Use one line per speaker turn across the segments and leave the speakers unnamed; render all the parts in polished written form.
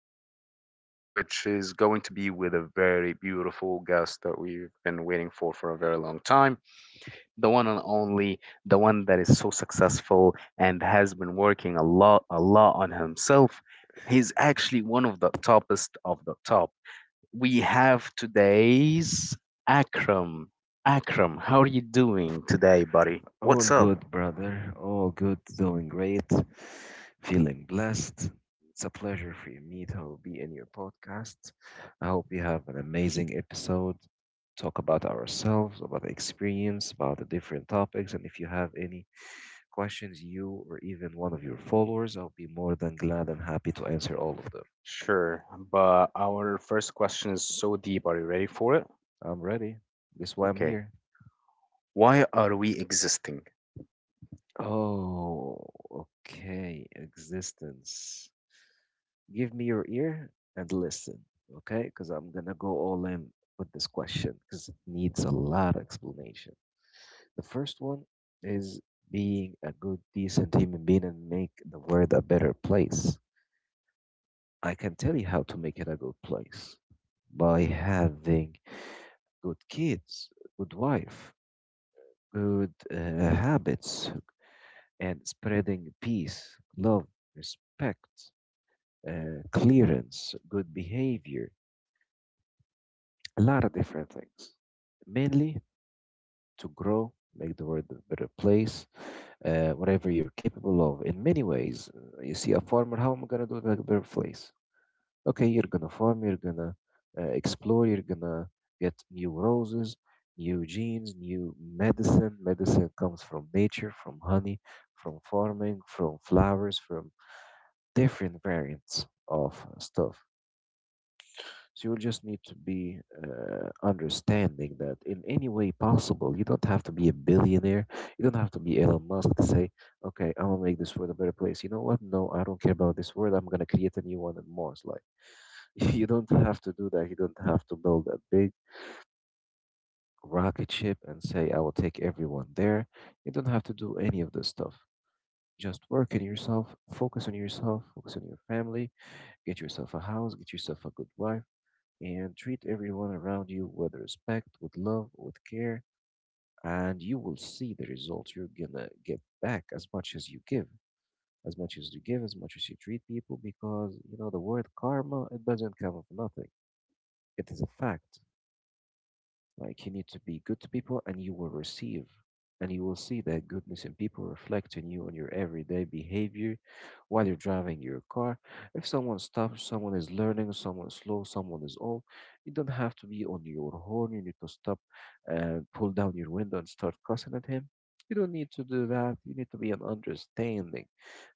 today's episode, which is going to be with a very beautiful guest that we've been waiting for a very long time. The one and only, the one that is so successful and has been working a lot on himself. He's actually one of the toppest of the top. We have today's Akram. Akram, how are you doing today, buddy?
All
What's up?
good, brother. All good. Doing great. Feeling blessed. It's a pleasure for me to be in your podcast. I hope you have an amazing episode. Talk about ourselves, about the experience, about the different topics. And if you have any questions, you or even one of your followers, I'll be more than glad and happy to answer all of them.
Sure, but our first question is so deep. Are you ready for it?
I'm ready. That's why I'm
Okay.
here.
Why are we existing?
Oh, okay. Existence. Give me your ear and listen, okay? Because I'm going to go all in with this question because it needs a lot of explanation. The first one is being a good, decent human being and make the world a better place. I can tell you how to make it a good place by having good kids, good wife, good habits, and spreading peace, love, respect, clearance, good behavior, a lot of different things, mainly to grow, make the world a better place, whatever you're capable of. In many ways, you see a farmer, how am I going to do it like a better place? Okay, you're going to farm, you're going to explore, you're going to get new roses, new genes, new medicine. Medicine comes from nature, from honey, from farming, from flowers, from different variants of stuff. So you just need to be understanding that in any way possible, you don't have to be a billionaire. You don't have to be Elon Musk to say, okay, I'm going to make this world a better place. You know what? No, I don't care about this world. I'm going to create a new one in Mars. Like, you don't have to do that. You don't have to build a big rocket ship and say, I will take everyone there. You don't have to do any of this stuff. Just work on yourself, focus on yourself, focus on your family, get yourself a house, get yourself a good wife, and treat everyone around you with respect, with love, with care, and you will see the results. You're gonna get back as much as you give, as much as you give, as much as you treat people, because you know the word karma, it doesn't come of nothing. It is a fact. Like, you need to be good to people and you will receive, and you will see that goodness in people reflect in you on your everyday behavior while you're driving your car. If someone stops, someone is learning, someone is slow, someone is old, you don't have to be on your horn. You need to stop and pull down your window and start cussing at him. You don't need to do that. You need to be an understanding.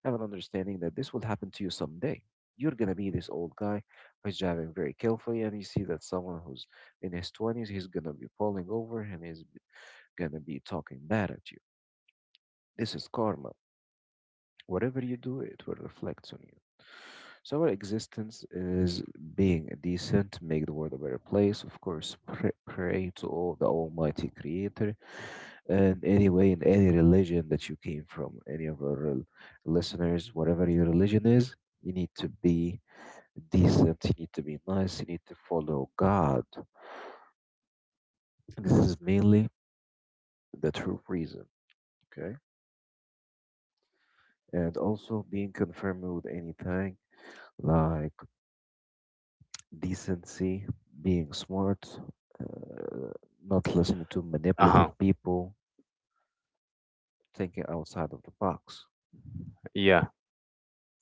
Have an understanding that this will happen to you someday. You're gonna be this old guy who's driving very carefully, and you see that someone who's in his 20s, he's gonna be falling over and he's gonna be talking bad at you. This is karma. Whatever you do, it will reflect on you. So our existence is being decent, make the world a better place. Of course, pray, pray to all the Almighty Creator. And anyway, in any religion that you came from, any of our listeners, whatever your religion is, you need to be decent. You need to be nice. You need to follow God. This is mainly the true reason. Okay. And also being confirmed with anything like decency, being smart, uh, not listening to
Uh huh.
manipulative people, thinking outside of the box.
Yeah,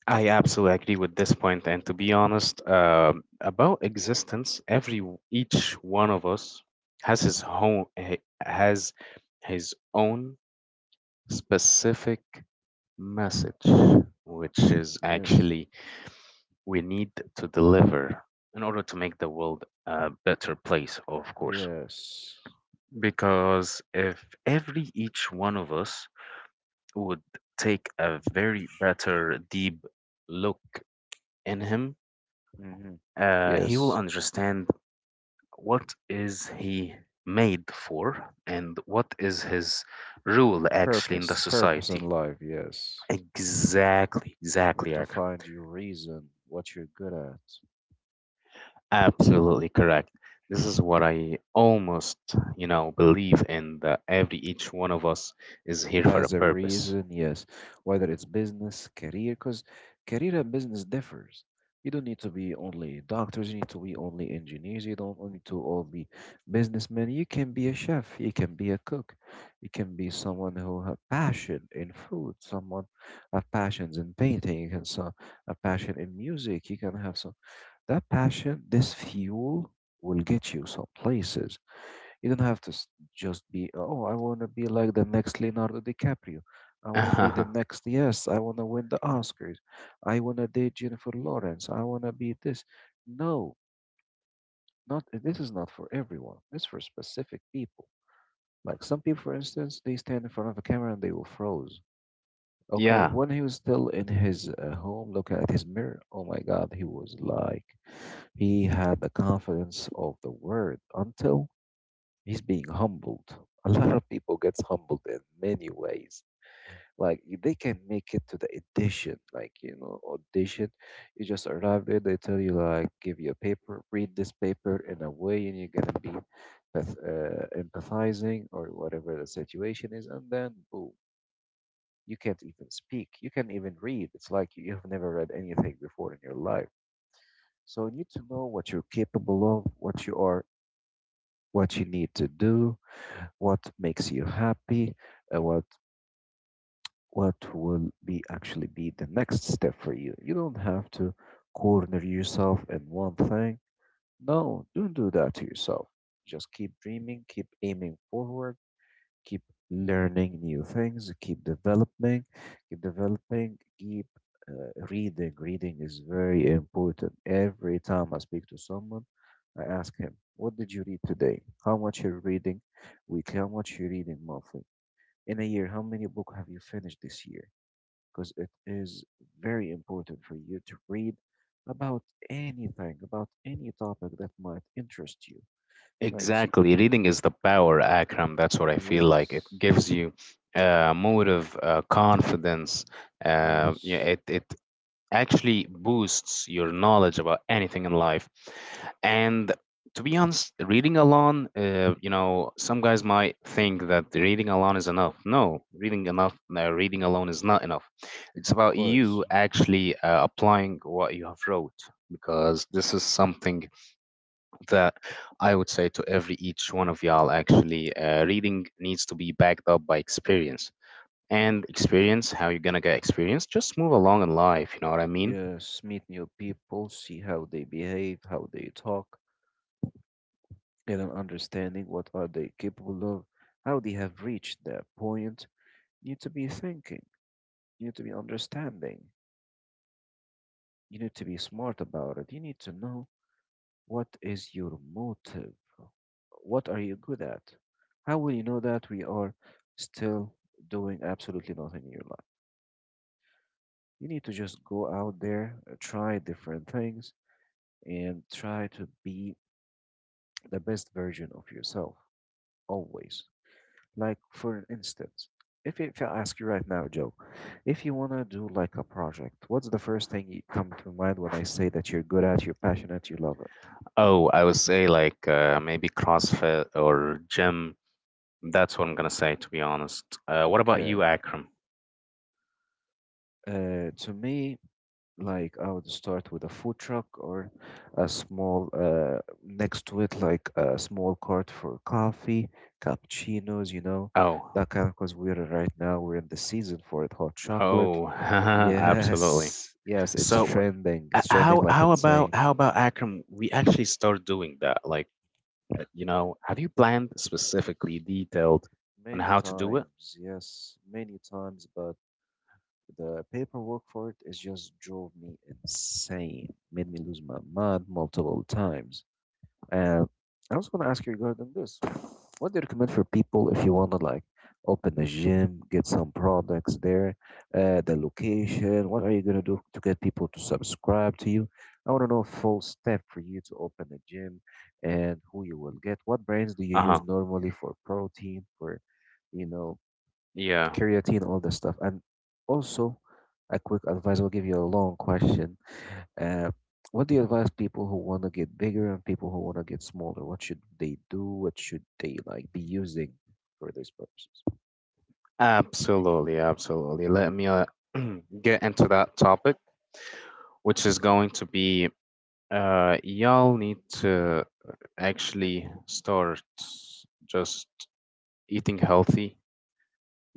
I absolutely agree with this point, and to be honest, about existence, every each one of us has his own has his own specific message, which is
Yes,
actually we need to deliver in order to make the world a better place, of course.
yes.
Because if every each one of us would take a very better deep look in him,
Hmm.
he will
Yes.
understand what is he made for and what is his role actually in the
Purpose. Purpose in
society.
life. Yes.
Exactly,
You need
exactly,
to
Akram.
find your reason, what you're good at.
Absolutely correct, this is what I almost, you know, believe in, that every each one of us is here for a
As a
purpose.
reason, yes. Whether it's business, career, because career and business differs. You don't need to be only doctors, you need to be only engineers, you don't need to all be businessmen. You can be a chef, you can be a cook, you can be someone who have passion in food, someone have passions in painting, you can a passion in music, you can have some. That passion, this fuel, will get you some places. You don't have to just be, oh, I want to be like the next Leonardo DiCaprio. I want to be the next, yes, I want to win the Oscars. I want to date Jennifer Lawrence. I want to be this. No, not this is not for everyone. It's for specific people. Like some people, for instance, they stand in front of a camera and they will froze. Okay,
Yeah.
when he was still in his home, looking at his mirror, oh my God, he was like. He had the confidence of the word until he's being humbled. A lot of people gets humbled in many ways. Like they can make it to the edition, audition. You just arrive there, they tell you like, give you a paper, read this paper in a way, and you're gonna be empathizing or whatever the situation is, and then boom, you can't even speak, you can't even read. It's like you have never read anything before in your life. So you need to know what you're capable of, what you need to do, what makes you happy, uh, what what will be actually be the next step for you. You don't have to corner yourself in one thing. No, don't do that to yourself. Just keep dreaming, keep aiming forward, keep learning new things, keep developing, keep reading. Reading is very important. Every time I speak to someone, I ask him, what did you read today? How much you're reading weekly? How much you're reading monthly? In a year, how many books have you finished this year? Because it is very important for you to read about anything, about any topic that might interest you. Right? See,
Exactly. Reading is the power, Akram. That's what I feel like. It
yes,
gives you motive, confidence. Yeah,
yes,
it actually boosts your knowledge about anything in life. And to be honest, reading alone, you know, some guys might think that reading alone is enough. No, reading enough, reading alone is not enough. It's
of
about
course.
you actually applying what you have wrote, because this is something that I would say to every each one of y'all. Actually reading needs to be backed up by experience. And experience, how you're gonna get experience? Just move along in life, you know what I mean?
Yes, meet new people, see how they behave, how they talk, get an understanding what are they capable of, how they have reached that point. You need to be thinking, you need to be understanding, you need to be smart about it. You need to know what is your motive, what are you good at. How will you know that we are still doing absolutely nothing in your life? You need to just go out there, try different things, and try to be the best version of yourself. Always. Like for instance, if I ask you right now, Joe, if you want to do like a project, what's the first thing you come to mind when I say that you're good at, you're passionate, you love it?
Oh, I would say like maybe CrossFit or gym. That's what I'm gonna say, to be honest. What about
Okay.
you, Akram?
To me, like, I would start with a food truck or a small next to it, like a small cart for coffee, cappuccinos,
Oh,
that kind of, because we're right now we're in the season for it, hot chocolate.
oh, absolutely.
Yes, yes, it's
So,
trending. It's trending like insane.
how about Akram? We actually start doing that. Like, you know, have you planned specifically detailed on
Many
how to do it?
times, yes, many times, but the paperwork for it is just drove me insane, made me lose my mind multiple times. And I was going to ask you regarding this. What do you recommend for people if you want to like open a gym, get some products there, the location? What are you going to do to get people to subscribe to you? I want to know full step for you to open a gym and who you will get. What brands do you
Uh-huh.
use normally for protein, for you know,
Yeah.
creatine, all this stuff. And also, a quick advice. I'll give you a long question. Uh, what do you advise people who want to get bigger and people who want to get smaller? What should they do? What should they like be using for these purposes?
Absolutely, absolutely. Let me get into that topic, which is going to be, y'all need to actually start just eating healthy,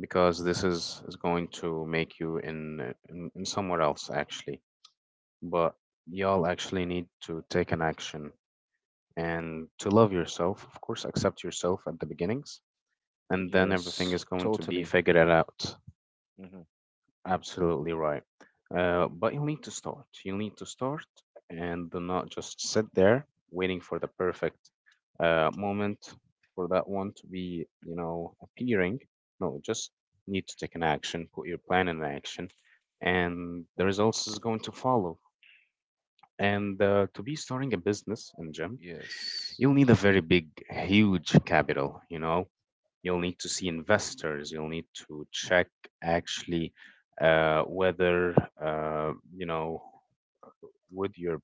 because is going to make you in, in somewhere else actually. But y'all actually need to take an action and to love yourself, of course, accept yourself at the beginnings, and then everything is
Yes,
going to be
totally.
figured out.
Hmm.
Absolutely right. But you'll need to start. You'll need to start and do not just sit there waiting for the perfect moment for that one to be, you know, appearing. No, just need to take an action, put your plan in action, and the results is going to follow. And to be starting a business in gym,
Yes.
you'll need a very big, huge capital, you know. You'll need to see investors. You'll need to check actually, whether, you know, would your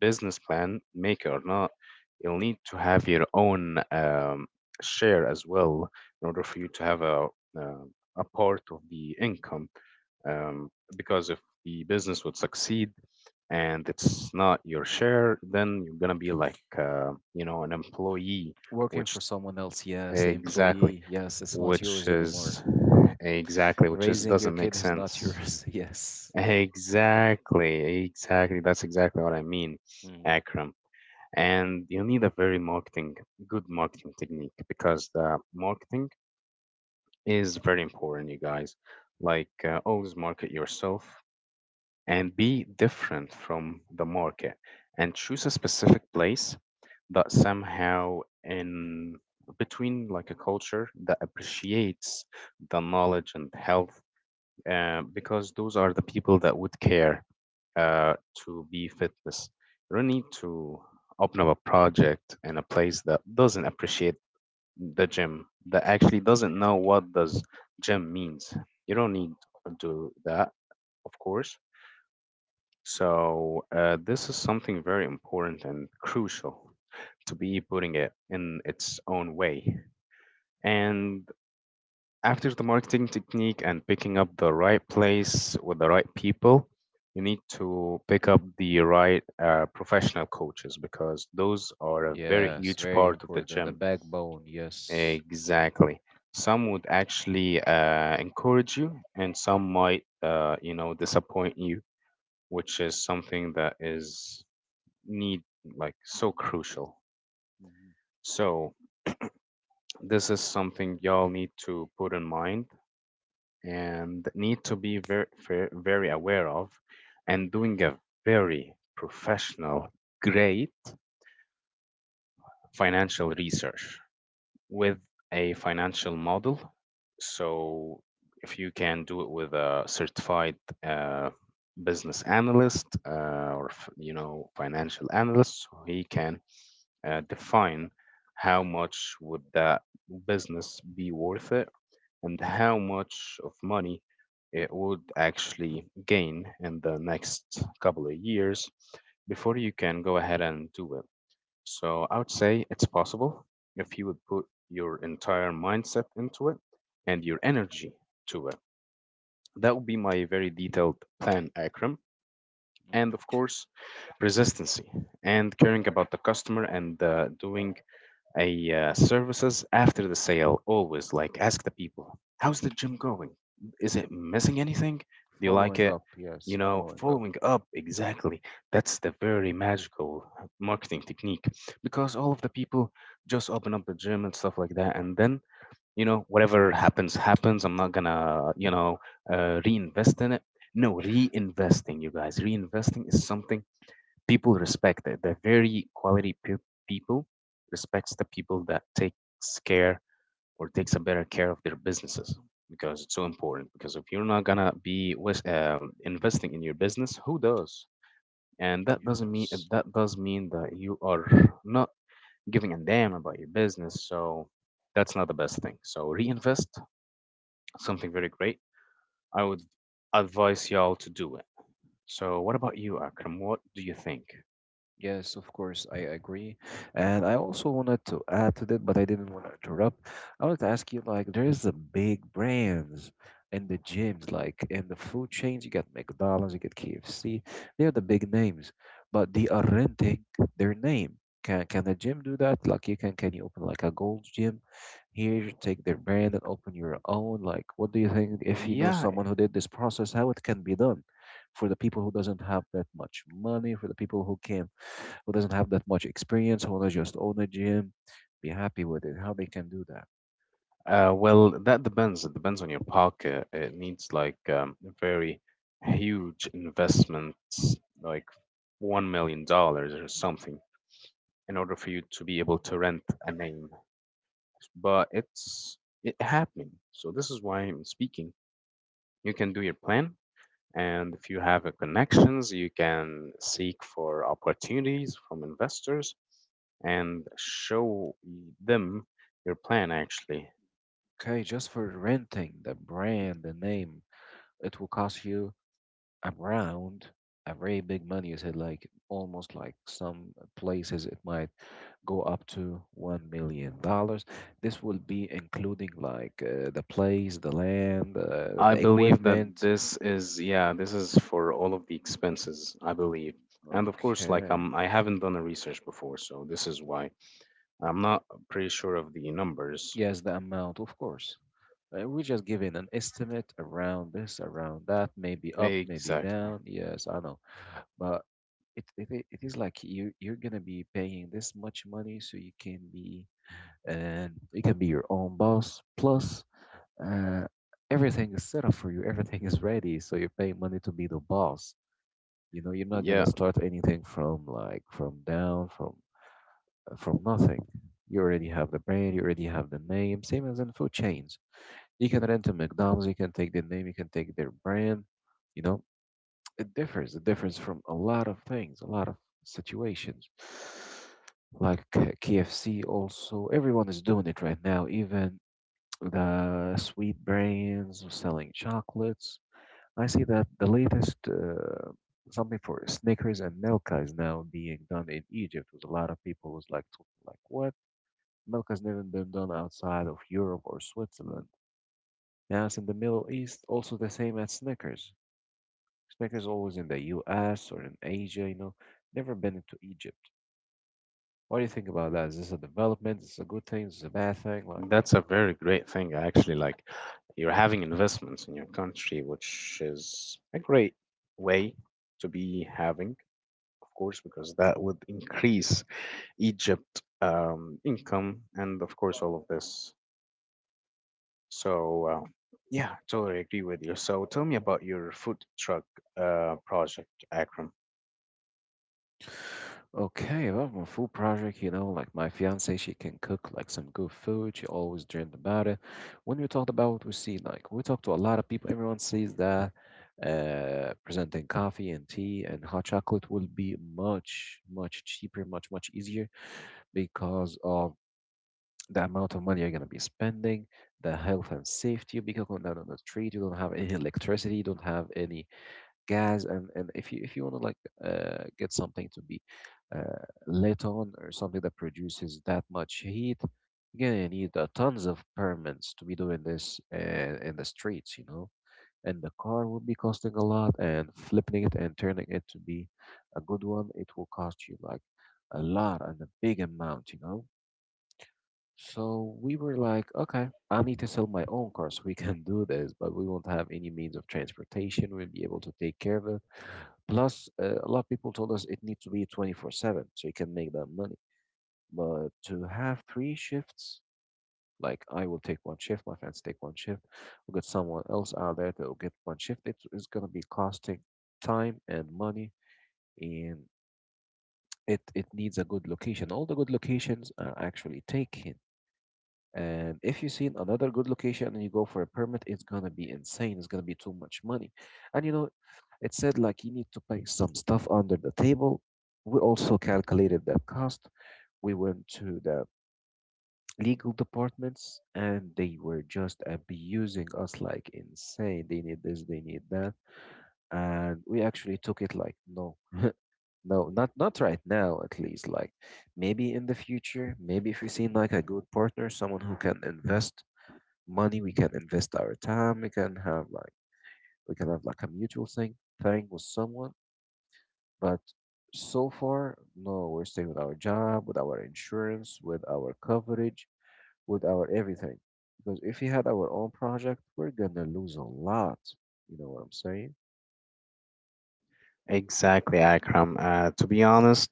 business plan make it or not. You'll need to have your own, share as well, in order for you to have uh, a part of the income. Um, because if the business would succeed and it's not your share, then you're gonna be like, you know, an employee,
Working for
which
someone else, yes.
exactly,
Employee, yes. It's not
which
yours anymore.
is exactly, which is
Raising your
doesn't make
kid is not
sense.
yours, yes.
Exactly, exactly, that's exactly what I mean,
Mhm.
Akram. And you need a very marketing, good marketing technique, because the marketing is very important, you guys. Like, always market yourself and be different from the market, and choose a specific place that somehow in between, like a culture that appreciates the knowledge and health, because those are the people that would care, uh, to be fitness. You don't need to open up a project in a place that doesn't appreciate the gym, that actually doesn't know what does gym means. You don't need to do that, of course. So, this is something very important and crucial to be putting it in its own way. And after the marketing technique and picking up the right place with the right people, you need to pick up the right professional coaches, because those are a very
Yes,
huge
very
part of the
important. The
gym.
backbone, yes.
Exactly. Some would actually encourage you, and some might, you know, disappoint you, which is something that is need like so crucial.
Hmm.
So this is something y'all need to put in mind and need to be very very aware of, and doing a very professional great financial research with a financial model. So if you can do it with a certified, uh, business analyst, or you know, financial analyst, so he can define how much would that business be worth it and how much of money it would actually gain in the next couple of years before you can go ahead and do it. So I would say it's possible if you would put your entire mindset into it and your energy to it. That would be my very detailed plan, Akram. And of course, persistency and caring about the customer, and doing a, services after the sale, always like ask the people, how's the gym going, is it missing anything, do you like
Following
it,
up,
you
yes,
know,
following up,
following up exactly. That's the very magical marketing technique, because all of the people just open up the gym and stuff like that, and then, you know, whatever happens happens, I'm not gonna, you know, reinvest in it. No, reinvesting, you guys, reinvesting is something people respect it. The very quality people respects the people that takes care or takes a better care of their businesses, because it's so important. Because if you're not gonna be investing in your business, who does? And that doesn't mean,
yes.
that does mean that you are not giving a damn about your business. So that's not the best thing. So reinvest, something very great. I would advise y'all to do it. So what about you, Akram? What do you think?
Yes, of course, I agree. And I also wanted to add to that, but I didn't want to interrupt. I wanted to ask you like, there is the big brands in the gyms, like in the food chains, you got McDonald's, you get KFC. They are the big names, but they are renting their name. Can a gym do that? Like, you can you open like a gold gym here, take their brand and open your own? Like, what do you think, if you know
Yeah,
someone who did this process, how it can be done for the people who doesn't have that much money, for the people who doesn't have that much experience, who wanna just own a gym, be happy with it. How they can do that?
uh, well, that depends. It depends on your pocket. It needs like, a very huge investments, like $1 million or something, in order for you to be able to rent a name. But it's it happening. So this is why I'm speaking. You can do your plan, and if you have a connections, you can seek for opportunities from investors and show them your plan actually.
Okay, just for renting the brand, the name, it will cost you around a very big money. You said like almost like some places it might go up to $1 million. This will be including like the place, the land,
I
the
believe that
equipment.
this is, yeah, this is for all of the expenses, I believe. And of course, like,
Okay.
I haven't done a research before, so this is why. I'm not pretty sure of the numbers.
Yes, the amount, of course. We're just giving an estimate around this, around that, maybe up, maybe
Exactly.
down. Yes, I know, but it is like you're gonna be paying this much money, so you can be and you can be your own boss. Plus, uh, everything is set up for you. Everything is ready, so you're paying money to be the boss. You know, you're not gonna
Yeah,
start anything from like from down from nothing. You already have the brand, you already have the name. Same as in food chains. You can rent to McDonald's, you can take their name, you can take their brand. You know, it differs. It differs from a lot of things, a lot of situations. Like KFC, also, everyone is doing it right now. Even the sweet brands selling chocolates, I see that the latest something for Snickers and Milka is now being done in Egypt. With a lot of people was like, like what? Milka's never been done outside of Europe or Switzerland. Now it's in the Middle East, also the same as Snickers. Snickers always in the U.S. or in Asia, you know, never been into Egypt. What do you think about that? Is this a development? Is this a good thing? Is this a bad thing? Like.
that's a very great thing, I actually. Like, you're having investments in your country, which is a great way to be having, of course, because that would increase Egypt, income, and, of course, all of this. So, yeah, totally agree with you. So, tell me about your food truck project, Akram.
Okay, about my food project, you know, like my fiance, she can cook like some good food. She always dreamed about it. When we talked about what we see, like we talk to a lot of people, everyone sees that presenting coffee and tea and hot chocolate will be much, much cheaper, much, much easier because of the amount of money you're gonna be spending, the health and safety, because on the street you don't have any electricity, you don't have any gas, and if you want to like get something to be lit on or something that produces that much heat, you're gonna need tons of permits to be doing this in the streets, you know, and the car will be costing a lot, and flipping it and turning it to be a good one, it will cost you like a lot and a big amount, you know. So we were like, okay, I need to sell my own car so we can do this, but we won't have any means of transportation. We'll be able to take care of it. Plus, a lot of people told us it needs to be 24/7 so you can make that money. But to have three shifts, like I will take one shift, my friends take one shift, we'll get someone else out there that will get one shift. It is going to be costing time and money, and it needs a good location. All the good locations are actually taken. And if you see another good location and you go for a permit, it's gonna be insane. It's gonna be too much money. And you know, it said like you need to pay some stuff under the table. We also calculated that cost. We went to the legal departments and they were just abusing us like insane. They need this, they need that. And we actually took it like no. No, not right now at least. Like maybe in the future, maybe if we see like a good partner, someone who can invest money, we can invest our time, we can have like we can have like a mutual thing with someone. But so far no, we're staying with our job, with our insurance, with our coverage, with our everything, because if we had our own project, we're gonna lose a lot. You know what I'm saying?
Exactly, Akram. To be honest,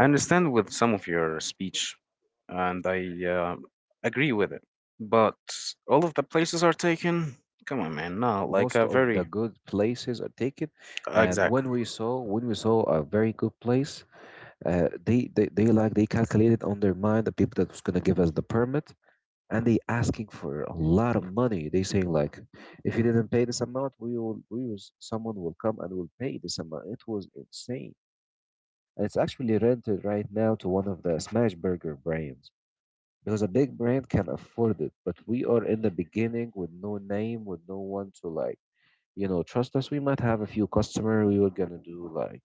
I understand with some of your speech, and I, agree with it. But all of the places are taken. Come on, man. No, like
Most
a
of the
very—
good places are taken, and when
Exactly.
we saw when we saw a very good place, they like they calculated on their mind, the people that was gonna give us the permit, and they asking for a lot of money. They saying like, if you didn't pay this amount, someone will come and will pay this amount. It was insane, and it's actually rented right now to one of the smash burger brands because a big brand can afford it. But we are in the beginning with no name, with no one to like, you know, trust us. We might have a few customer. We were gonna do like,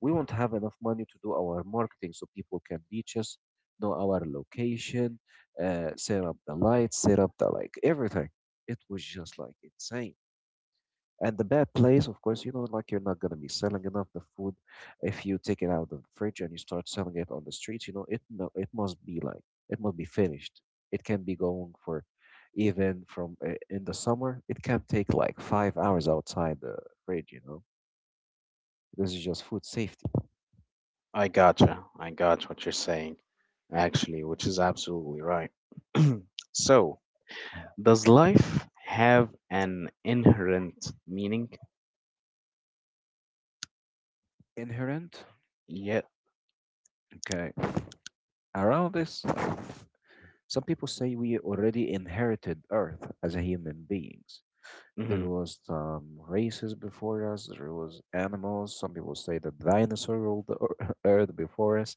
we won't have enough money to do our marketing so people can reach us, know our location, set up the lights, set up the like everything. It was just like insane. And the bad place, of course, you know, like you're not gonna be selling enough the food if you take it out of the fridge and you start selling it on the streets. You know, it must be like it must be finished. It can be going for even from in the summer. It can take like 5 hours outside the fridge. You know, this is just food safety.
I gotcha. I got what you're saying, actually, which is absolutely right. So, does life have an inherent meaning?
Inherent?
Yeah.
Okay. Around this, some people say we already inherited Earth as a human beings. There
Hmm.
was some races before us, there was animals. Some people say the dinosaur ruled the Earth before us.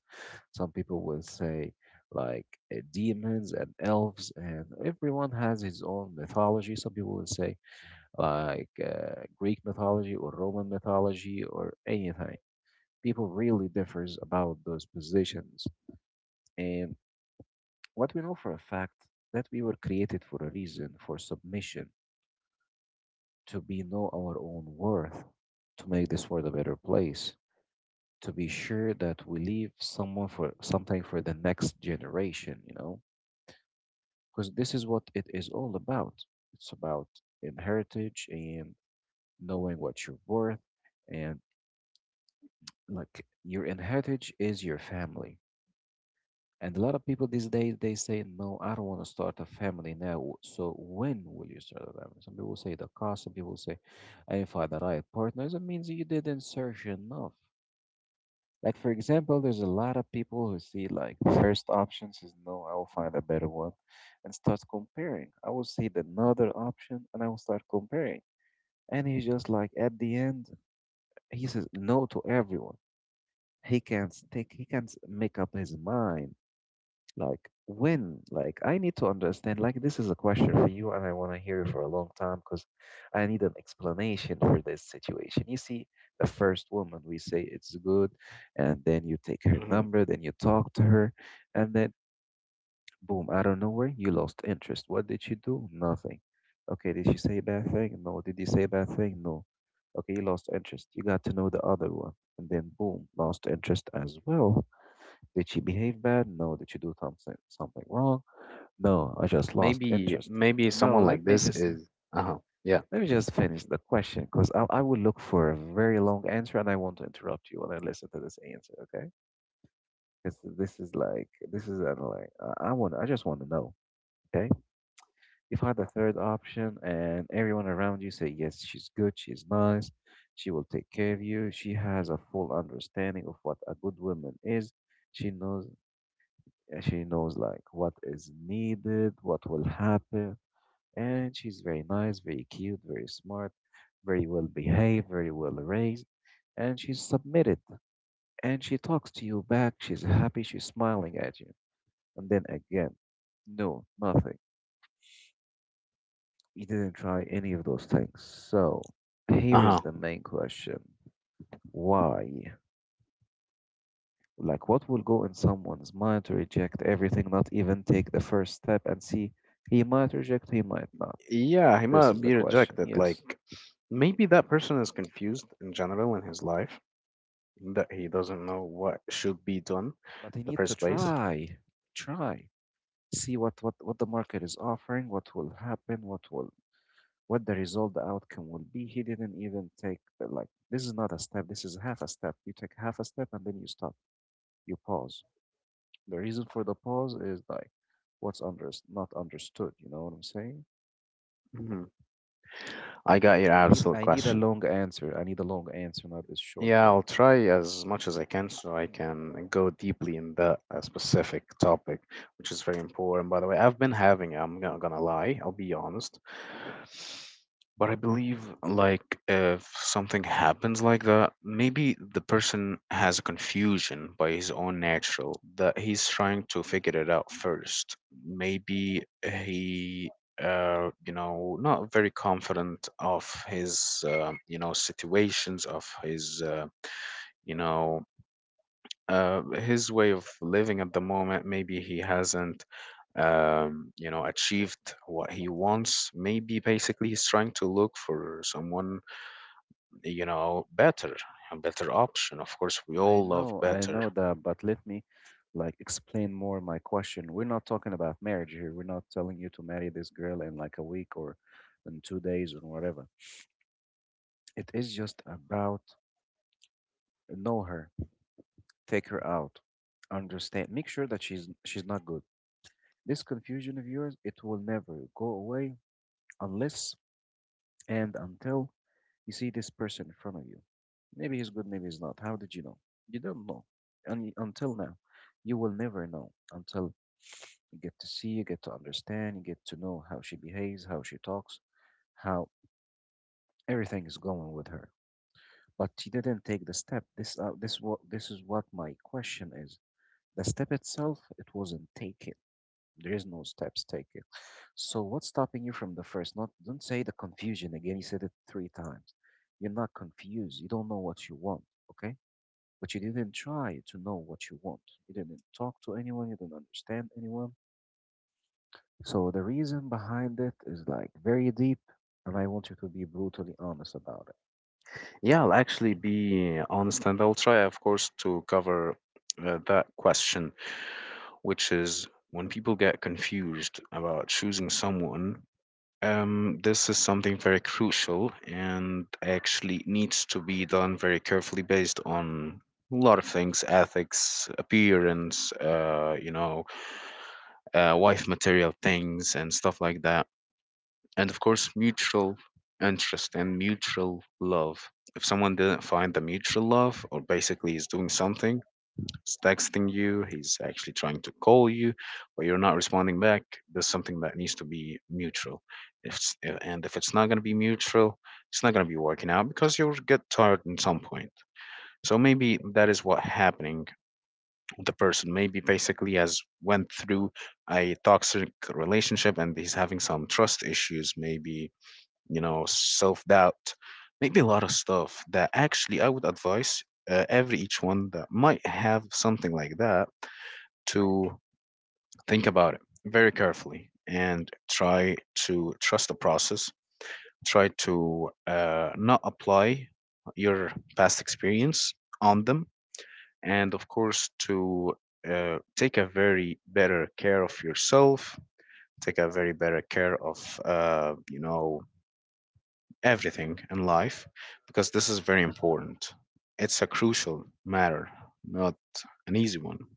Some people will say like demons and elves, and everyone has his own mythology. Some people will say like Greek mythology or Roman mythology or anything. People really differs about those positions. Um, what we know for a fact that we were created for a reason, for submission, to be know our own worth, to make this world a better place, to be sure that we leave someone for something for the next generation, you know, because this is what it is all about. It's about in heritage and knowing what you're worth, and like your in heritage is your family. And a lot of people these days they say, "No, I don't want to start a family now." So when will you start a family? Some people say the cost. Some people say, "I didn't find the right partner." That means you didn't search enough. Like for example, there's a lot of people who see like first option says, "No, I will find a better one," and start comparing. I will see the another option and I will start comparing. And he's just like at the end, he says no to everyone. He can't stick. He can't make up his mind. Like when? Like I need to understand. Like this is a question for you, and I want to hear you for a long time because I need an explanation for this situation. You see, the first woman we say it's good, and then you take her
Hmm.
number, then you talk to her, and then boom, out of nowhere, you lost interest. What did you do? Nothing. Okay, did she say a bad thing? No. Did you say a bad thing? No. Okay, you lost interest. You got to know the other one, and then boom, lost interest as well. Did she behave bad? No. Did she do something wrong? No. I just lost
Maybe,
interest.
maybe
No.
someone like
Let me
this
just
is. Uh huh. Yeah.
let me just finish the question because I will look for a very long answer and I want to interrupt you when I listen to this answer. Okay? Because this is like I just want to know. Okay? If I had the third option and everyone around you say yes, she's good, she's nice, she will take care of you, she has a full understanding of what a good woman is. She knows she knows like what is needed, what will happen, and she's very nice, very cute, very smart, very well behaved, very well raised, and she's submitted. And she talks to you back. She's happy. She's smiling at you. And then again, no, nothing. You didn't try any of those things. So
Uh
here
huh.
is the main question: Why? Like, what will go in someone's mind to reject everything, not even take the first step and see? He might reject, he might not.
Yeah, he
This
might
is the
be
question,
rejected.
yes.
Like, maybe that person is confused in general in his life, that he doesn't know what should be done in
But I
the
need to
first place.
try, try, see what the market is offering, what will happen, what will what the result, the outcome will be. He didn't even take the, like this is not a step. This is half a step. You take half a step and then you stop. You pause. The reason for the pause is like what's under not understood. You know what I'm saying?
Hmm. I got your
I need
absolute
I need a
question.
long answer. I need a long answer, not this short
Yeah,
term.
I'll try as much as I can so I can go deeply in that specific topic, which is very important. By the way, I've been having, I'm not gonna lie, I'll be honest. But I believe, like, if something happens like that, maybe the person has a confusion by his own natural that he's trying to figure it out first. Maybe he, you know, not very confident of his, you know, situations, of his, you know, his way of living at the moment. Maybe he hasn't, you know, achieved what he wants. Maybe basically he's trying to look for someone, you know, better, a better option. Of course, we all love
I
better.
know that, but let me explain more my question. We're not talking about marriage here. We're not telling you to marry this girl in like a week or in 2 days or whatever. It is just about know her, take her out, understand, make sure that she's not good. This confusion of yours, it will never go away unless and until you see this person in front of you. Maybe he's good, maybe he's not. How did you know? You don't know. And until now, you will never know until you get to see, you get to understand, you get to know how she behaves, how she talks, how everything is going with her. But she didn't take the step. This is what my question is. The step itself, it wasn't taken. There is no steps taken. So what's stopping you from the first? Not don't say the confusion again. You said it three times. You're not confused. You don't know what you want, okay? But you didn't try to know what you want. You didn't talk to anyone. You didn't understand anyone. So the reason behind it is like very deep, and I want you to be brutally honest about it.
Yeah, I'll actually be honest and I'll try, of course, to cover that question, which is when people get confused about choosing someone. This is something very crucial and actually needs to be done very carefully based on a lot of things: ethics, appearance, wife material things, and stuff like that, and of course mutual interest and mutual love. If someone didn't find the mutual love, or basically he's doing something, he's texting you, he's actually trying to call you, but you're not responding back, there's something that needs to be mutual. If it's not going to be mutual, it's not going to be working out because you'll get tired at some point. So maybe that is what happening with the person. Maybe basically has went through a toxic relationship and he's having some trust issues, maybe, you know, self doubt, maybe a lot of stuff, that actually I would advise every each one that might have something like that to think about it very carefully and try to trust the process. Try to not apply your past experience on them, and of course to take a very better care of yourself. Take a very better care of everything in life, because this is very important. It's a crucial matter, not an easy one.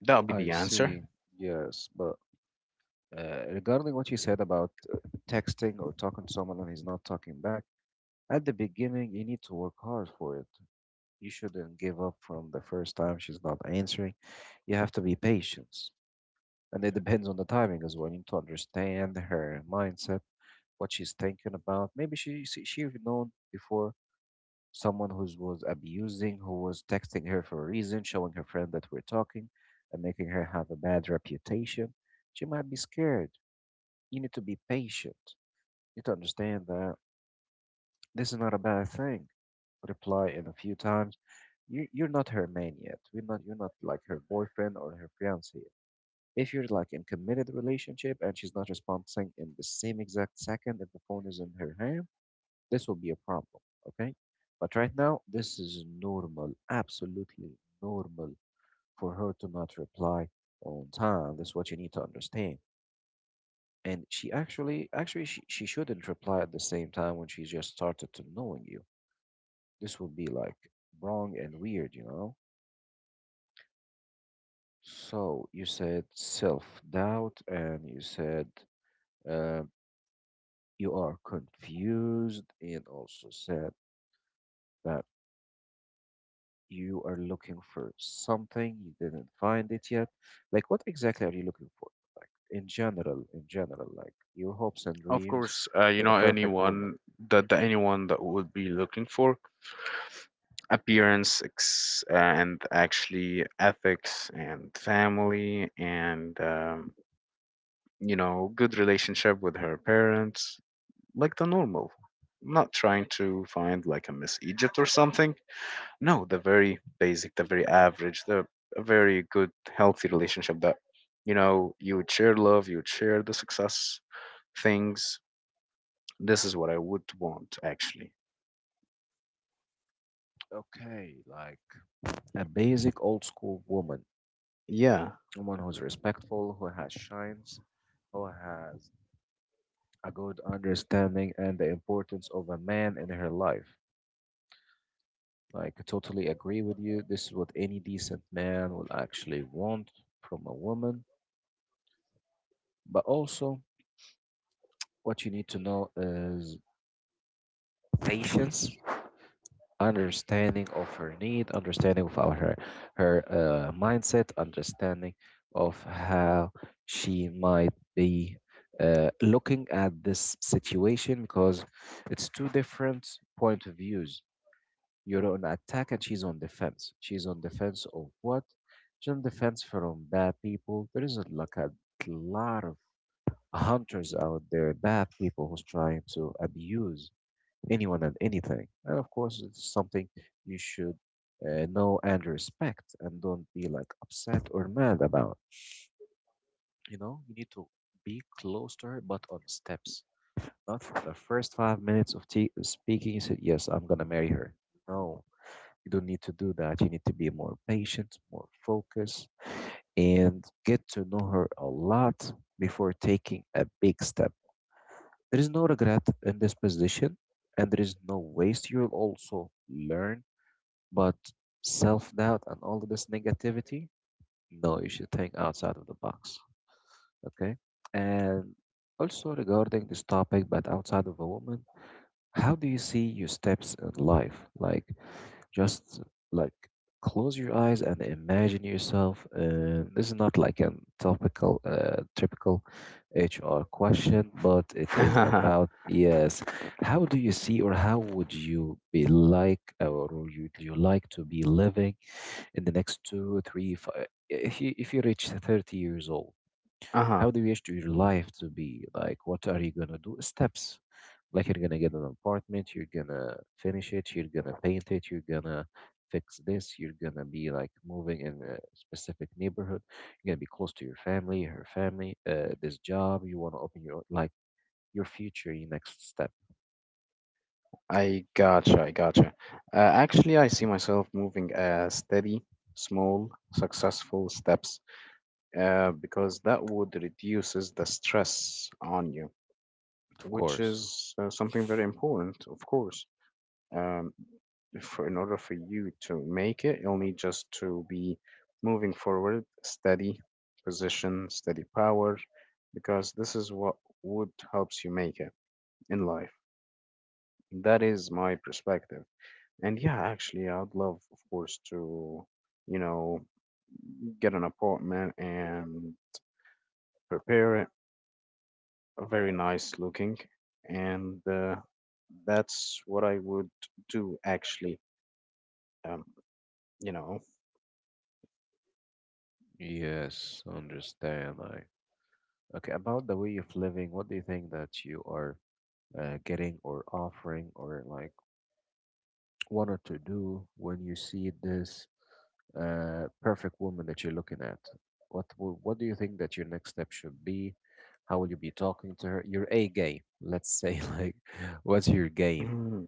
That'll be
I
the answer.
see. Yes, but regarding what you said about texting or talking to someone and he's not talking back, at the beginning you need to work hard for it. You shouldn't give up from the first time she's not answering. You have to be patient. And it depends on the timing as well. You need to understand her mindset, what she's thinking about. Maybe she've known before someone who was abusing, who was texting her for a reason, showing her friend that we're talking, and making her have a bad reputation. She might be scared. You need to be patient. You need to understand that this is not a bad thing. Reply in a few times, you're not her man yet. We're not you're not like her boyfriend or her fiance. If you're like in committed relationship and she's not responding in the same exact second if the phone is in her hand, this will be a problem. Okay? But right now, this is normal, absolutely normal for her to not reply on time. That's what you need to understand. And she actually actually she shouldn't reply at the same time when she just started to knowing you. This would be like wrong and weird, you know? So you said self doubt, and you said uh, you are confused, and also said that you are looking for something you didn't find it yet. Like, what exactly are you looking for? Like, in general, like your hopes and
Of
dreams
course,
for the perfect woman.
anyone that, anyone that would be looking for appearance, and actually ethics and family and good relationship with her parents, like the normal. Not trying to find like a Miss Egypt or something. No, the very basic, the very average, the a very good healthy relationship that, you know, you would share love, you would share the success things. This is what I would want, actually.
Okay, like a basic old school woman,
Yeah.
someone who's respectful, who has shines, who has a good understanding and the importance of a man in her life. Like, I totally agree with you. This is what any decent man will actually want from a woman. But also, what you need to know is patience, understanding of her need, understanding of her mindset, understanding of how she might be looking at this situation because it's two different point of views. You're on attack and she's on defense. She's on defense of what? She's on defense from bad people. There is like a lot of hunters out there, bad people who's trying to abuse anyone and anything. And of course, it's something you should know and respect and don't be like upset or mad about. You know, you need to be close to her, but on steps. Not for the first 5 minutes of tea speaking, you said, yes, I'm gonna marry her. No, you don't need to do that. You need to be more patient, more focused, and get to know her a lot before taking a big step. There is no regret in this position, and there is no waste. You'll also learn, but self doubt and all of this negativity, no, you should think outside of the box. Okay? And also regarding this topic, but outside of a woman, how do you see your steps in life? Like, just like close your eyes and imagine yourself. This is not like a typical HR question, but it is
Uh-huh.
about yes. How do you see, or how would you be like, or would you, do you like to be living in the next two, three, five? If you reach 30 years old, how do you wish to your life to be? Like, what are you gonna do? Steps. Like, you're gonna get an apartment, you're gonna finish it, you're gonna paint it, you're gonna fix this, you're gonna be like moving in a specific neighborhood, you're gonna be close to your family, her family, this job, you wanna open your own, like, your future, your next step.
I gotcha, I gotcha. Actually, I see myself moving steady, small, successful steps, because that would reduces the stress on you,
Of
which
course.
is something very important, of course. Um, in order for you to make it, you'll need just to be moving forward, steady position, steady power, because this is what would helps you make it in life. That is my perspective. And yeah, actually, yeah, I'd love, of course, to, you know, get an apartment and prepare it, very nice looking. And That's what I would do, actually. Um, you know,
Yes, understand. I okay, about the way of living, what do you think that you are getting or offering or like wanted to do when you see this perfect woman that you're looking at? What do you think that your next step should be? How will you be talking to her? Your A game, let's say. Like, what's your game?
Mhm.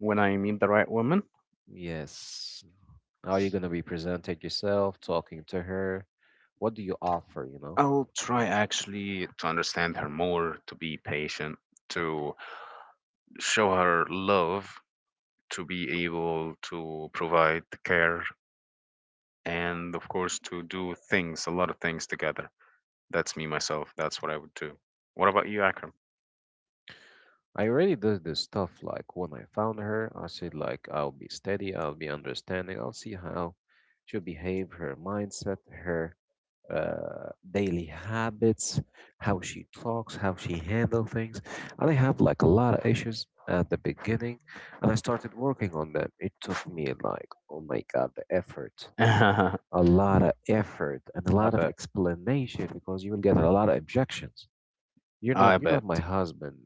When I meet the right woman,
Yes. How are you gonna be presenting yourself, talking to her? What do you offer? You know.
I'll try actually to understand her more, to be patient, to show her love, to be able to provide care, and, of course, to do things, a lot of things together. That's me, myself. That's what I would do. What about you, Akram?
I already did this stuff. Like when I found her, I said like I'll be steady, I'll be understanding, I'll see how she'll behave, her mindset, her daily habits, how she talks, how she handle things. And I have like a lot of issues at the beginning, and I started working on them. It took me like, oh my god, the effort, a
I
lot of effort, and a lot of
bet.
explanation because you will get a lot of objections.
I
You're not
bet.
my husband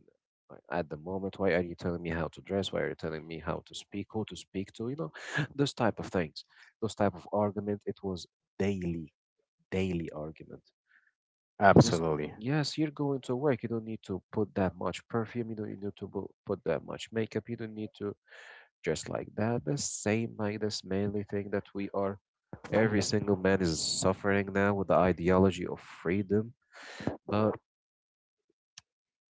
like, at the moment. Why are you telling me how to dress? Why are you telling me how to speak? Who to speak to? You know, those type of things, those type of argument. It was daily, daily argument. This,
Absolutely.
yes, you're going to work. You don't need to put that much perfume. You don't need to put that much makeup. You don't need to dress like that. The same like this manly thing that we are. Every single man is suffering now with the ideology of freedom. But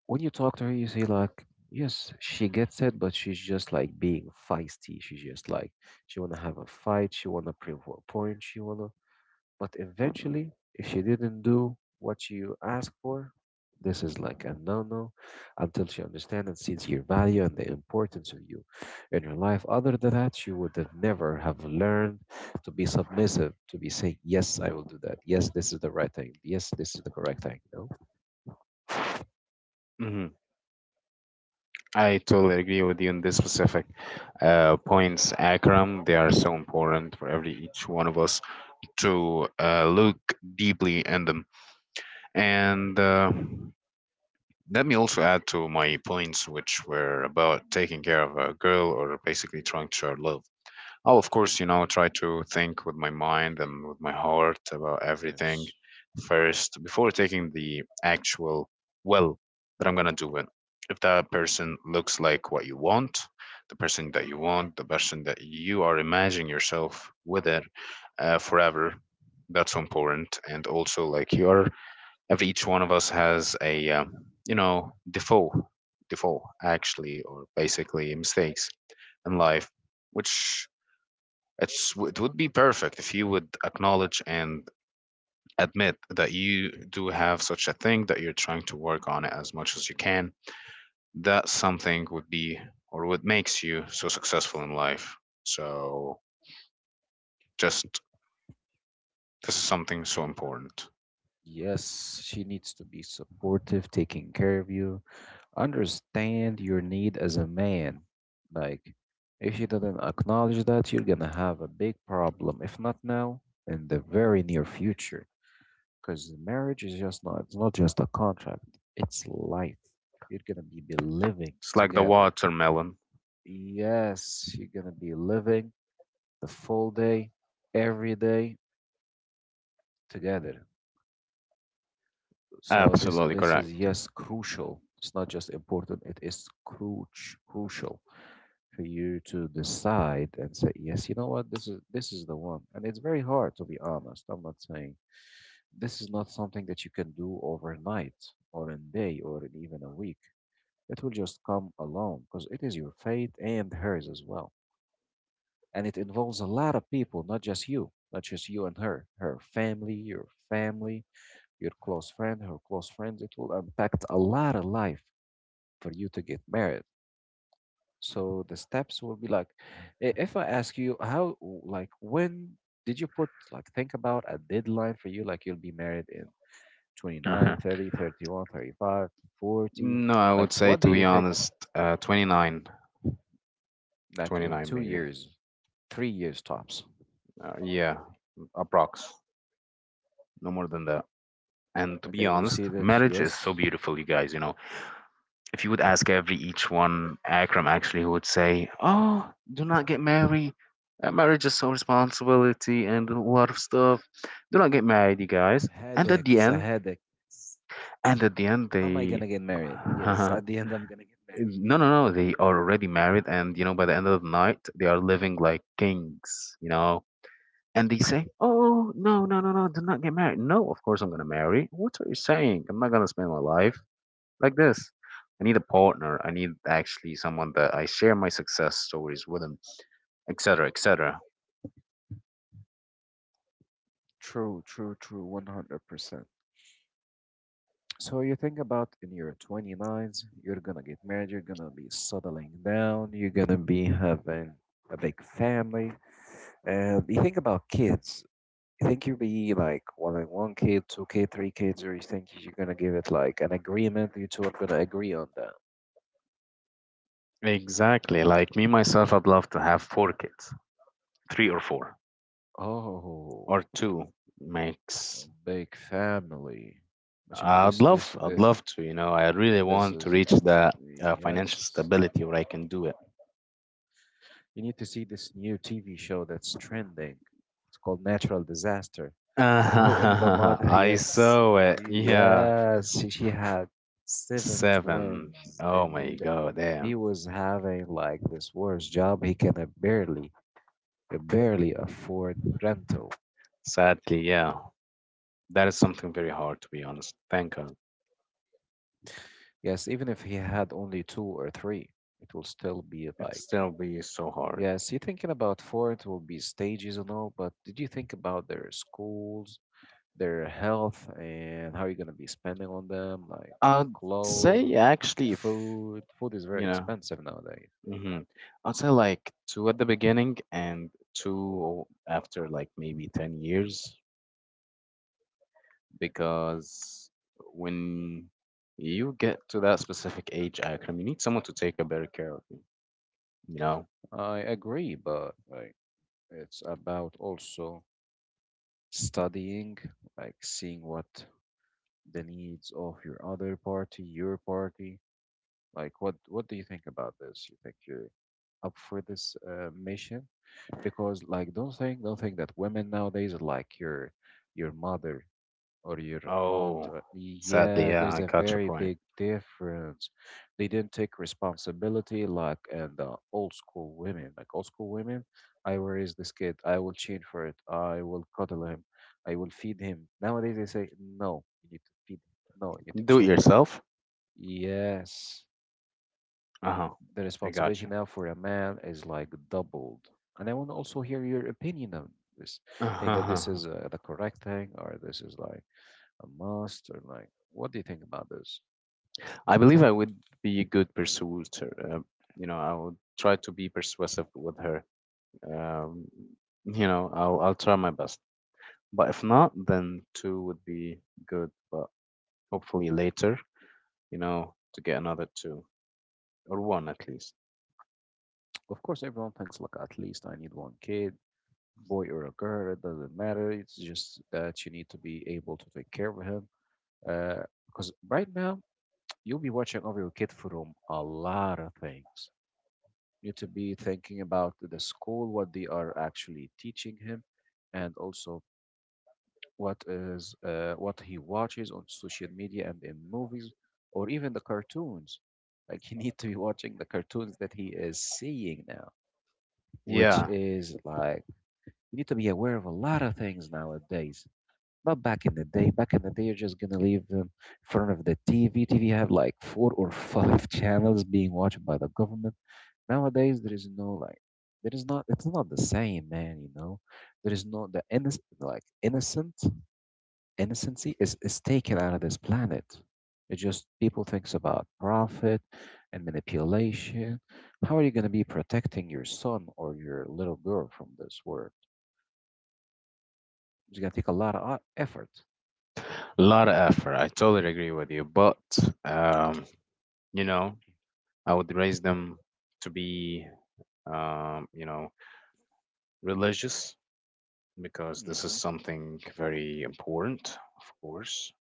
when you talk to her, you see like, yes, she gets it, but she's just like being feisty. She's just like she wanna have a fight. She wanna prove a point. She wanna but eventually, if she didn't do what you asked for, this is like a no no until she understands and sees your value and the importance of you in her life. Other than that, she would have never have learned to be submissive, to be saying, yes, I will do that. Yes, this is the right thing. Yes, this is the correct thing. No.
Hmm. I totally agree with you on this specific points, Akram. They are so important for every each one of us to look deeply in them. And Let me also add to my points, which were about taking care of a girl or basically trying to show her love. I'll, of course, you know, try to think with my mind and with my heart about everything
Yes.
first before taking the actual, well, that I'm going to do it. If that person looks like what you want, the person that you want, the person that you are imagining yourself with it, forever, that's so important. And also, like, you are, every each one of us has a, you know default default actually or basically mistakes in life, which it's, it would be perfect if you would acknowledge and admit that you do have such a thing, that you're trying to work on it as much as you can. That something would be or what makes you so successful in life. So just, this is something so important.
Yes, she needs to be supportive, taking care of you, understand your need as a man. Like, if you didn't acknowledge that, you're gonna have a big problem. If not now, in the very near future. Because marriage is just not, it's not just a contract, it's life. Be living
It's like the
together.
watermelon.
Yes, you're gonna be living the full day, every day together. So
Absolutely
this is
correct.
yes crucial. It's not just important. It is cruch crucial for you to decide and say yes. You know what? This is the one, and it's very hard to be honest. I'm not saying this is not something that you can do overnight or in a day or in even a week. It will just come along because it is your fate and hers as well, and it involves a lot of people, not just you, not just you and her, her family your close friend, her close friends, it will impact a lot of life for you to get married. So the steps will be like, if I ask you how, like, when did you put, like, think about a deadline for you, like, you'll be married in 29, 30, 31, 35, 40?
No, I
Like,
would say
what do
to
you
be
think,
honest, 29,
like, in
twenty-nine
two
maybe.
years, 3 years tops?
Yeah, approx. No more than that. And to be
Okay, you
honest,
see that,
marriage is so
yes,
beautiful, you guys. You know, if you would ask every each one, Akram, actually, who would say, "Oh, do not get married. Marriage is so responsibility and a lot of stuff. Do not get married, you guys." And at
headache,
the
it's a
end,
headache. It's-
and at the end,
am I
they,
gonna get married? Yes, at the end, I'm gonna get married
No. They are already married, and you know, by the end of the night, they are living like kings, you know. And they say, "Oh, no, do not get married." No, of course I'm gonna marry. What are you saying? I'm not gonna spend my life like this. I need a partner. I need actually someone that I share my success stories with, and etc., etc.
true, true, true, 100%. So you think about in your 29s, you're gonna get married, you're gonna be settling down, you're gonna be having a big family. And you think about kids. You think you'll be like wanting one kid, two kid, three kids, or you think you're gonna give it like an agreement, you two are gonna agree on that.
Exactly. Like me myself, I'd love to have 4 kids, three or four,
Oh,
or two
a
makes.
big family. But you know this this
I'd
the
love to. You know, I really
this
want to
is
reach the financial
yes.
stability where I can do it.
You need to see this new TV show that's trending. It's called Natural Disaster. And the mother,
I
yes,
saw it. Yeah,
yes, she had seven
7.
twins,
Oh
and
my god,
he
damn.
was having like this worst job. He can barely barely afford rental.
Sadly, yeah, that is something very hard to be honest. Thank God,
Yes, even if he had only two or three, it will still be
it
like
still be so hard.
yes. You're thinking about four, it will be stages and all, but did you think about their schools? Their health and how you're gonna be spending on them, like
I'd
clothes,
say actually, if
food. Food is very
you know.
expensive nowadays.
Mm-hmm. Also, like two at the beginning and two after like maybe 10 years, because when you get to that specific age, Akram, you need someone to take a better care of you, you know?
I agree, but like it's about also studying, like seeing what the needs of your other party, your party. Like what do you think about this? You think you're up for this mission? Because like don't think that women nowadays are like your mother or your aunt.
Oh,
Or,
sadly,
yeah,
yeah,
there's
I
a
got your
very
point.
big difference. They didn't take responsibility like and the old school women. Like old school women, I will raise this kid. I will change for it. I will cuddle him. I will feed him. Nowadays they say no. You need to feed him. No, you need to
Do it
change for him.
yourself?
Yes,
Uh-huh.
the
I got
responsibility
you.
now for a man is like doubled. And I want to also hear your opinion on this. Think that this
Uh-huh.
is the correct thing, or this is like a master. Like, what do you think about this?
I believe I would be a good persuader. You know, I would try to be persuasive with her. Um, you know, I'll try my best. But if not, then two would be good. But hopefully later, you know, to get another two or one at least.
Of course, everyone thinks, like, at least I need one kid, boy or a girl, it doesn't matter. It's just that you need to be able to take care of him. Uh, because right now, you'll be watching over your kid from a lot of things. You need to be thinking about the school, what they are actually teaching him, and also what is what he watches on social media and in movies or even the cartoons like you need to be watching the cartoons that he is seeing now, which
Yeah.
is like you need to be aware of a lot of things nowadays. Not back in the day. Back in the day you're just gonna leave them in front of the tv have like four or five channels being watched by the government. Nowadays there is no like there is not, it's not the same, man, you know. There is not the innocent like innocent innocency is taken out of this planet. It just people thinks about profit and manipulation. How are you going to be protecting your son or your little girl from this world? It's going to take a lot of effort.
A lot of effort. I totally agree with you. But, um, you know, I would raise them to be, you know, religious, because this is
hmm
something very important, of course,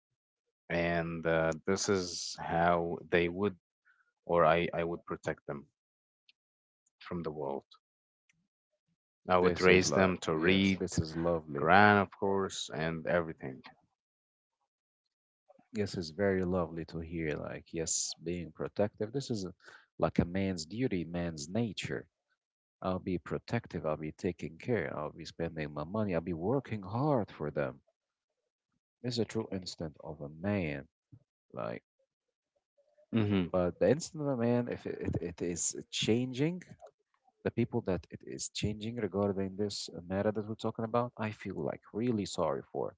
and this is how they would, or I would protect them from the world. I would
This is
raise
like
them to
yes,
read
this is lovely.
Quran, of course, and everything.
Yes, it's very lovely to hear. Like yes, being protective. This is a- like a man's duty, man's nature. I'll be protective. I'll be taking care. I'll be spending my money. I'll be working hard for them. It's a true instant of a man. Like,
Hmm.
but the instant of a man, if it is changing, the people that it is changing regarding this matter that we're talking about, I feel like really sorry for.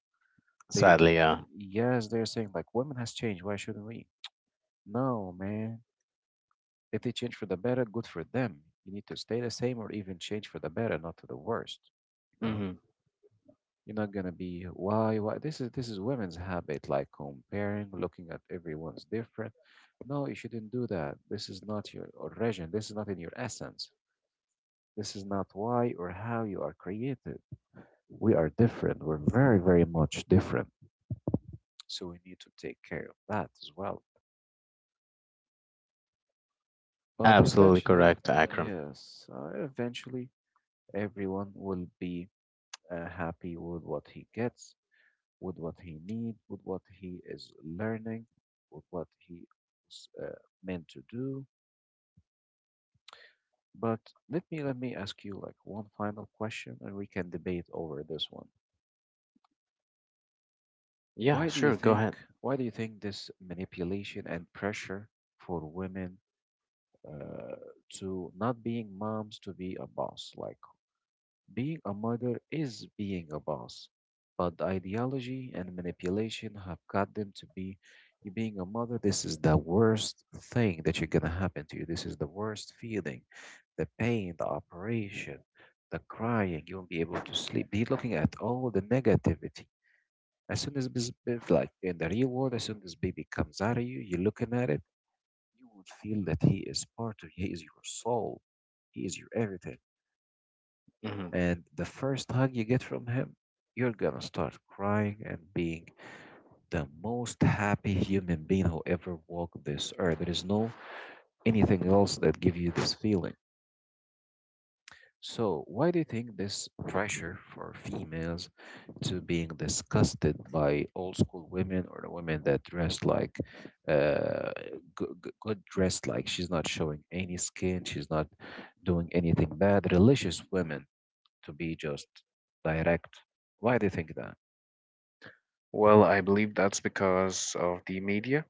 They,
Sadly, yeah.
yes, they're saying like women has changed. Why shouldn't we? No, man. If they change for the better, good for them. You need to stay the same or even change for the better, not to the worst. You know.
Hmm.
You're not gonna be why this is women's habit like comparing, looking at everyone's different. No, you shouldn't do that. This is not your origin. This is not in your essence. This is not why or how you are created. We are different. We're very very much different. So we need to take care of that as well. But
Absolutely
eventually,
correct, Akram.
yes, eventually everyone will be happy with what he gets, with what he need, with what he is learning, with what he was meant to do. But let me ask you like one final question, and we can debate over this one.
Yeah,
Why do you
sure, go ahead.
think why do you think this manipulation and pressure for women uh, to not being moms to be a boss? Like being a mother is being a boss, but the ideology and manipulation have got them to be you being a mother, this is the worst thing that you're gonna happen to you. This is the worst feeling, the pain, the operation, the crying. You won't be able to sleep. They're looking at all the negativity. As soon as this, like in the real world, as soon as baby comes out of you, you're looking at it. You would feel that he is part of you. He is your soul. He is your everything.
Mhm.
And the first hug you get from him, you're gonna start crying and being the most happy human being who ever walked this earth. There is no anything else that give you this feeling. So why do you think this pressure for females to being disgusted by old school women or the women that dress like uh, good, good dressed like she's not showing any skin, she's not doing anything bad. Religious women to be just direct. Why do you think that?
Well, I believe that's because of the media.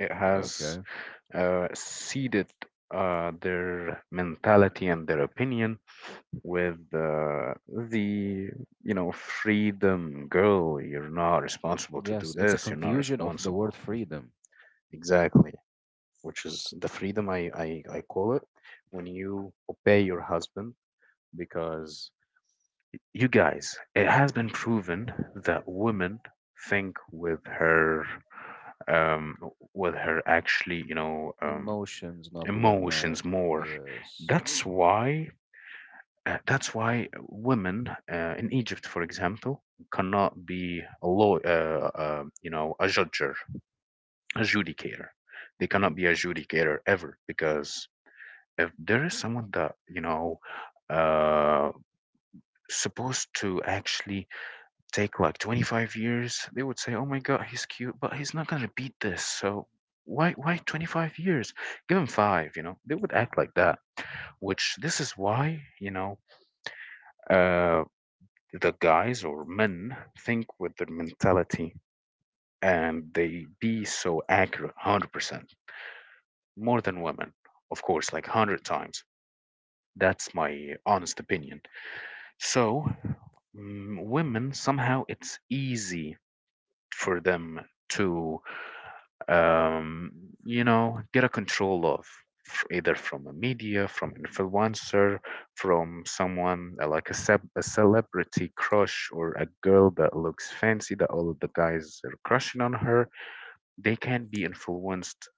It has
Okay.
seeded their mentality and their opinion with, the, you know, freedom girl. You're not responsible to do
Yes, it's a
this. You're not
confusion of the
responsible.
word freedom.
Exactly. Which is the freedom I call it when you obey your husband, because, you guys, it has been proven that women think um, with her actually, you know,
Emotions, not with their mind.
emotions more.
Yes.
That's why. That's why women in Egypt, for example, cannot be a law, you know, a judger, adjudicator. They cannot be
hmm
adjudicator ever because if there is someone that you know uh, supposed to actually take like 25 years, they would say, "Oh my God, he's cute, but he's not gonna beat this." So why 25 years? Give him five. You know, they would act like that. Which this is why you know uh, the guys or men think with their mentality and they be so accurate 100% more than women, of course, like 100 times. That's my honest opinion. So, mm, women somehow it's easy for them to, um, you know, get a control of, either from a media, from influencer, from someone like a celebrity crush, or a girl that looks fancy that all of the guys are crushing on her. They can be influenced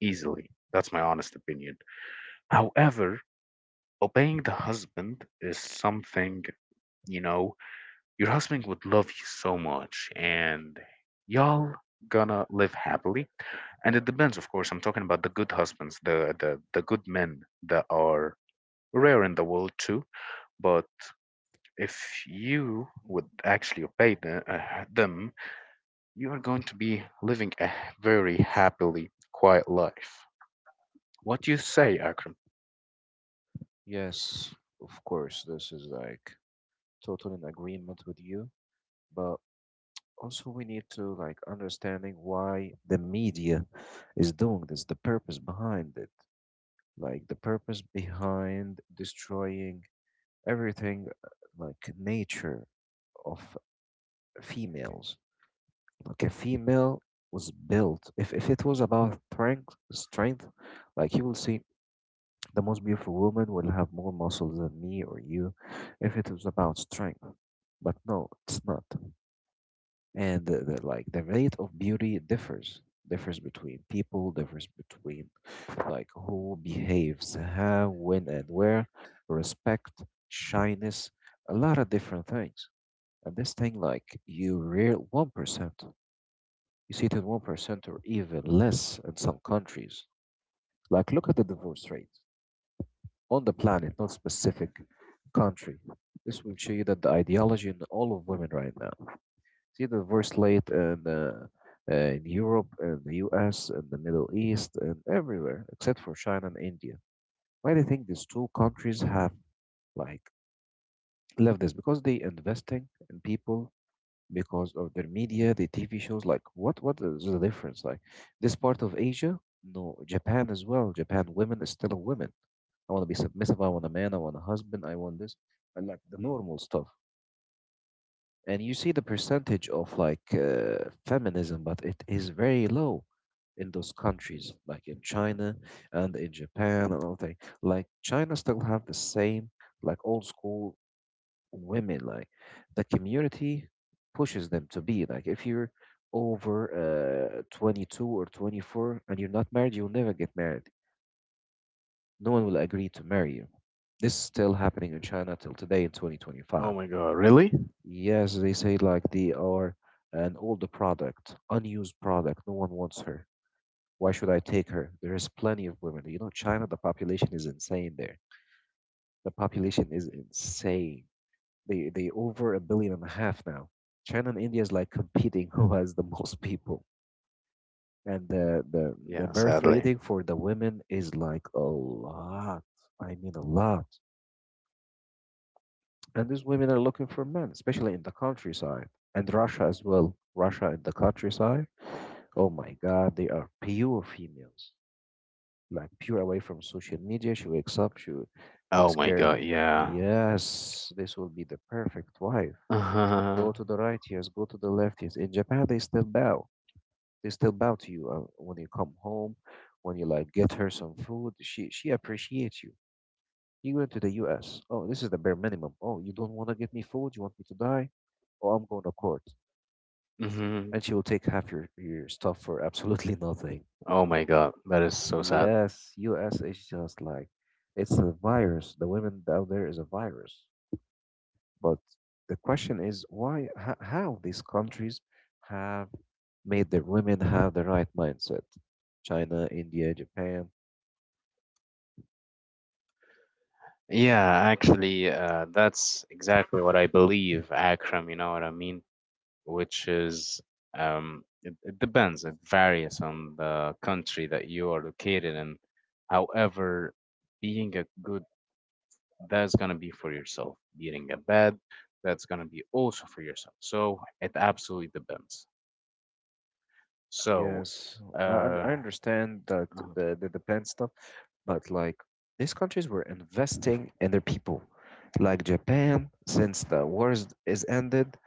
easily. That's my honest opinion. However, obeying the husband is something, you know, your husband would love you so much and y'all gonna live happily. And it depends, of course. I'm talking about the good husbands, the good men that are rare in the world too. But if you would actually obey, the, them, you are going to be living a very happily quiet life. What do you say, Akram?
Yes, of course, this is like total in agreement with you, but also we need to like understanding why the media is doing this, the purpose behind it, like the purpose behind destroying everything like nature of females. Like a female was built, if it was about strength, like you will see the most beautiful woman will have more muscles than me or you if it was about strength. But no, it's not. And like the rate of beauty differs, differs between people, differs between like who behaves how, when, and where, respect, shyness, a lot of different things. And this thing, like you real 1%, you see it in 1% or even less in some countries. Like, look at the divorce rate on the planet, not specific country. This will show you that the ideology in all of women right now. See the divorce rate in Europe, in the US, in the Middle East, and everywhere except for China and India. Why do you think these two countries have like left this? Because they investing in people because of their media, the TV shows. Like, what is the difference? Like, this part of Asia, no, Japan as well. Japan women is still a woman. I want to be submissive. I want a man. I want a husband. I want this, and like the normal stuff. And you see the percentage of like feminism, but it is very low in those countries, like in China and in Japan and all thing. Like China still have the same like old school women like the community pushes them to be like if you're over 22 or 24 and you're not married, you'll never get married. No one will agree to marry you. This is still happening in China till today in
Oh
2025.
my god, really?
Yes, they say like they are an older product, unused product, no one wants her. Why should I take her? There is plenty of women. You know, China, the population is insane there. The population is insane. They over a billion and a half now. China and India is like competing who has the most people, and the
Yeah,
birth
sadly.
rating for the women is like a lot. I mean a lot, and these women are looking for men, especially in the countryside and Russia as well. Russia in the countryside. Oh my God, they are pure females, like pure away from social media. She wakes up, she
Oh
takes
my
care of
god,
them.
yeah.
Yes, this will be the perfect wife. Go to
Uh-huh.
the right, yes. Go to the left, yes. In Japan, they still bow. They still bow to you when you come home. When you like get her some food, she appreciates you. You go to the U.S. Oh, this is the bare minimum. Oh, you don't want to get me food? You want me to die? Oh, I'm going to court,
Hmm.
and she will take half your stuff for absolutely nothing.
Oh my god, that is so sad.
Yes, U.S. is just like it's a virus. The women down there is a virus. But the question is why, how these countries have made their women have the right mindset. China, India, Japan.
Yeah, actually, that's exactly what I believe, Akram, you know what I mean, which is, it, it depends. It varies on the country that you are located in. However, being a good, that's gonna be for yourself. Being a bad, that's gonna be also for yourself. So it absolutely depends. So,
Yes, I,
uh,
I understand that
uh,
the plan stuff, but like these countries were investing in their people, like Japan since the wars is ended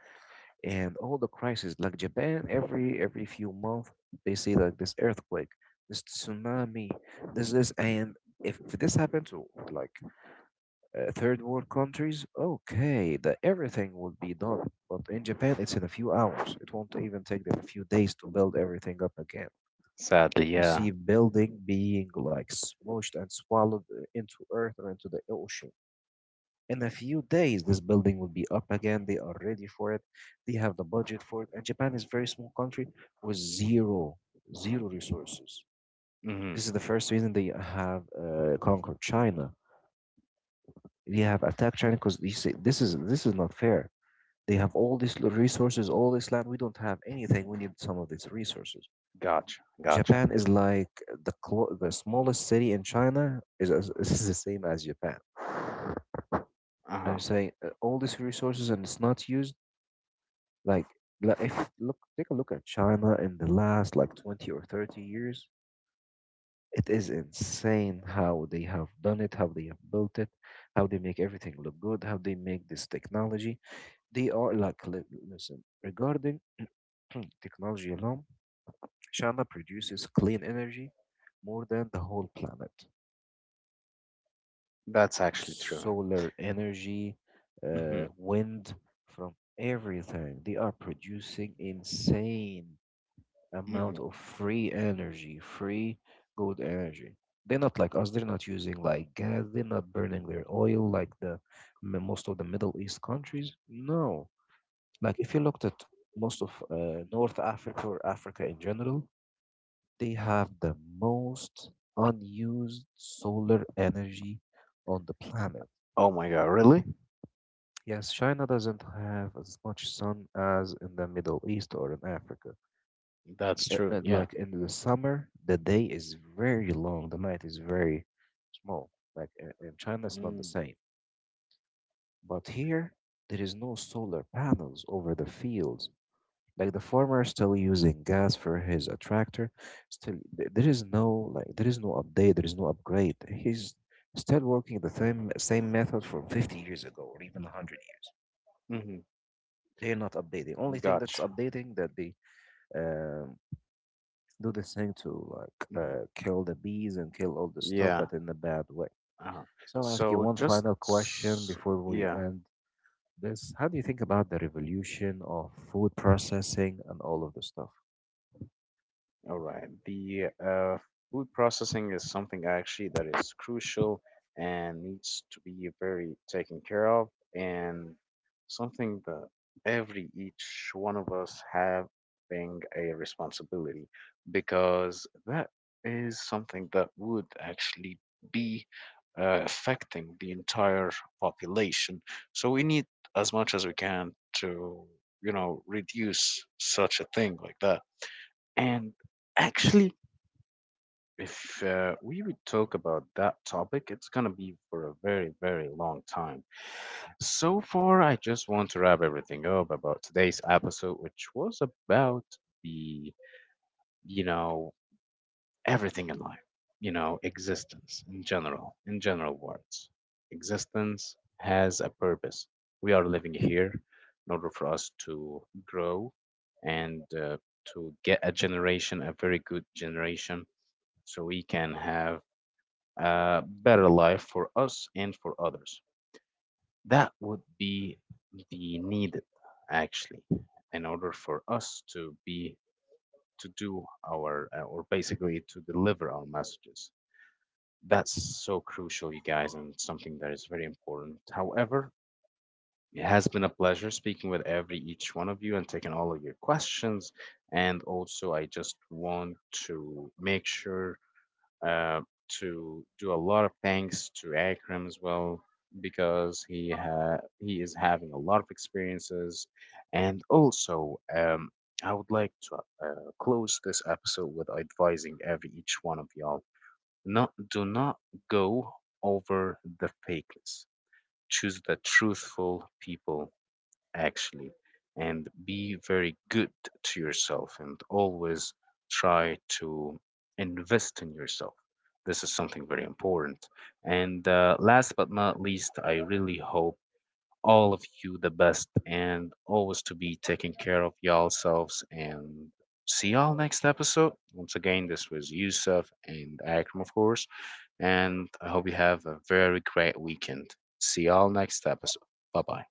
and all the crises. Like Japan, every few months they see like this earthquake, this tsunami, and if this happened to like third world countries, okay, that everything would be done. But in Japan, it's in a few hours. It won't even take them a few days to build everything up again.
sadly,
You
yeah.
see building being like smushed and swallowed into earth or into the ocean. In a few days, this building will be up again. They are ready for it. They have the budget for it. And Japan is a very small country with zero, zero resources.
Hmm.
This is the first reason they have conquered China. They have attacked China because they say this is not fair. They have all these resources, all this land. We don't have anything. We need some of these resources.
Gotcha, gotcha.
Japan is like the smallest city in China is is the same as Japan.
Uh
I'm
huh.
saying all these resources and it's not used. Like, like if look, take a look at China in the last like 20 or 30 years. It is insane how they have done it, how they have built it, how they make everything look good, how they make this technology. They are like, listen, regarding technology alone, China produces clean energy more than the whole planet.
That's actually true.
Solar energy,
Hmm.
wind, from everything. They are producing insane amount
Hmm.
of free energy, free good energy. They're not like us. They're not using like gas. They're not burning their oil like the most of the Middle East countries. No, like if you looked at most of North Africa or Africa in general, they have the most unused solar energy on the planet.
Oh my God, really?
Yes, China doesn't have as much sun as in the Middle East or in Africa.
That's true. Yeah.
Like in the summer, the day is very long, the night is very small. Like in China, it's not the
Mm-hmm.
same. But here, there is no solar panels over the fields. Like the farmer is still using gas for his tractor. Still, there is no like there is no update. There is no upgrade. He's still working the same method from 50 years ago or even 100.
Mm-hmm.
They're not updating. Only thing that's
Gotcha.
updating that they um, do this thing to like
Hmm.
kill the bees and kill all the stuff,
Yeah.
but in a bad way.
Uh-huh.
So I'll ask you
So
one
just
final question
s-
before we
yeah.
end this. How do you think about the revolution of food processing and all of the stuff?
All right. The, food processing is something actually that is crucial and needs to be very taken care of, and something that every each one of us having a responsibility, because that is something that would actually be affecting the entire population. So we need as much as we can to, you know, reduce such a thing like that. And actually, if we would talk about that topic, it's going to be for a very, very long time. So far, I just want to wrap everything up about today's episode, which was about the, you know, everything in life, you know, existence in general words. Existence has a purpose. We are living here in order for us to grow and to get a generation, a very good generation, so we can have a better life for us and for others. That would be the needed actually in order for us to be, to do our, or basically to deliver our messages. That's so crucial, you guys, and something that is very important. However, it has been a pleasure speaking with every each one of you and taking all of your questions. And also, I just want to make sure uh, to do a lot of thanks to Akram as well, because he is having a lot of experiences, and also, I would like to close this episode with advising every each one of y'all, not, do not go over the fakeness. Choose the truthful people, actually. And be very good to yourself, and always try to invest in yourself. This is something very important. And Last but not least, I really hope all of you the best, and always to be taking care of yourselves, and see y'all next episode. Once again, this was Yusuf and Akram, of course, and I hope you have a very great weekend. See y'all next episode. Bye bye.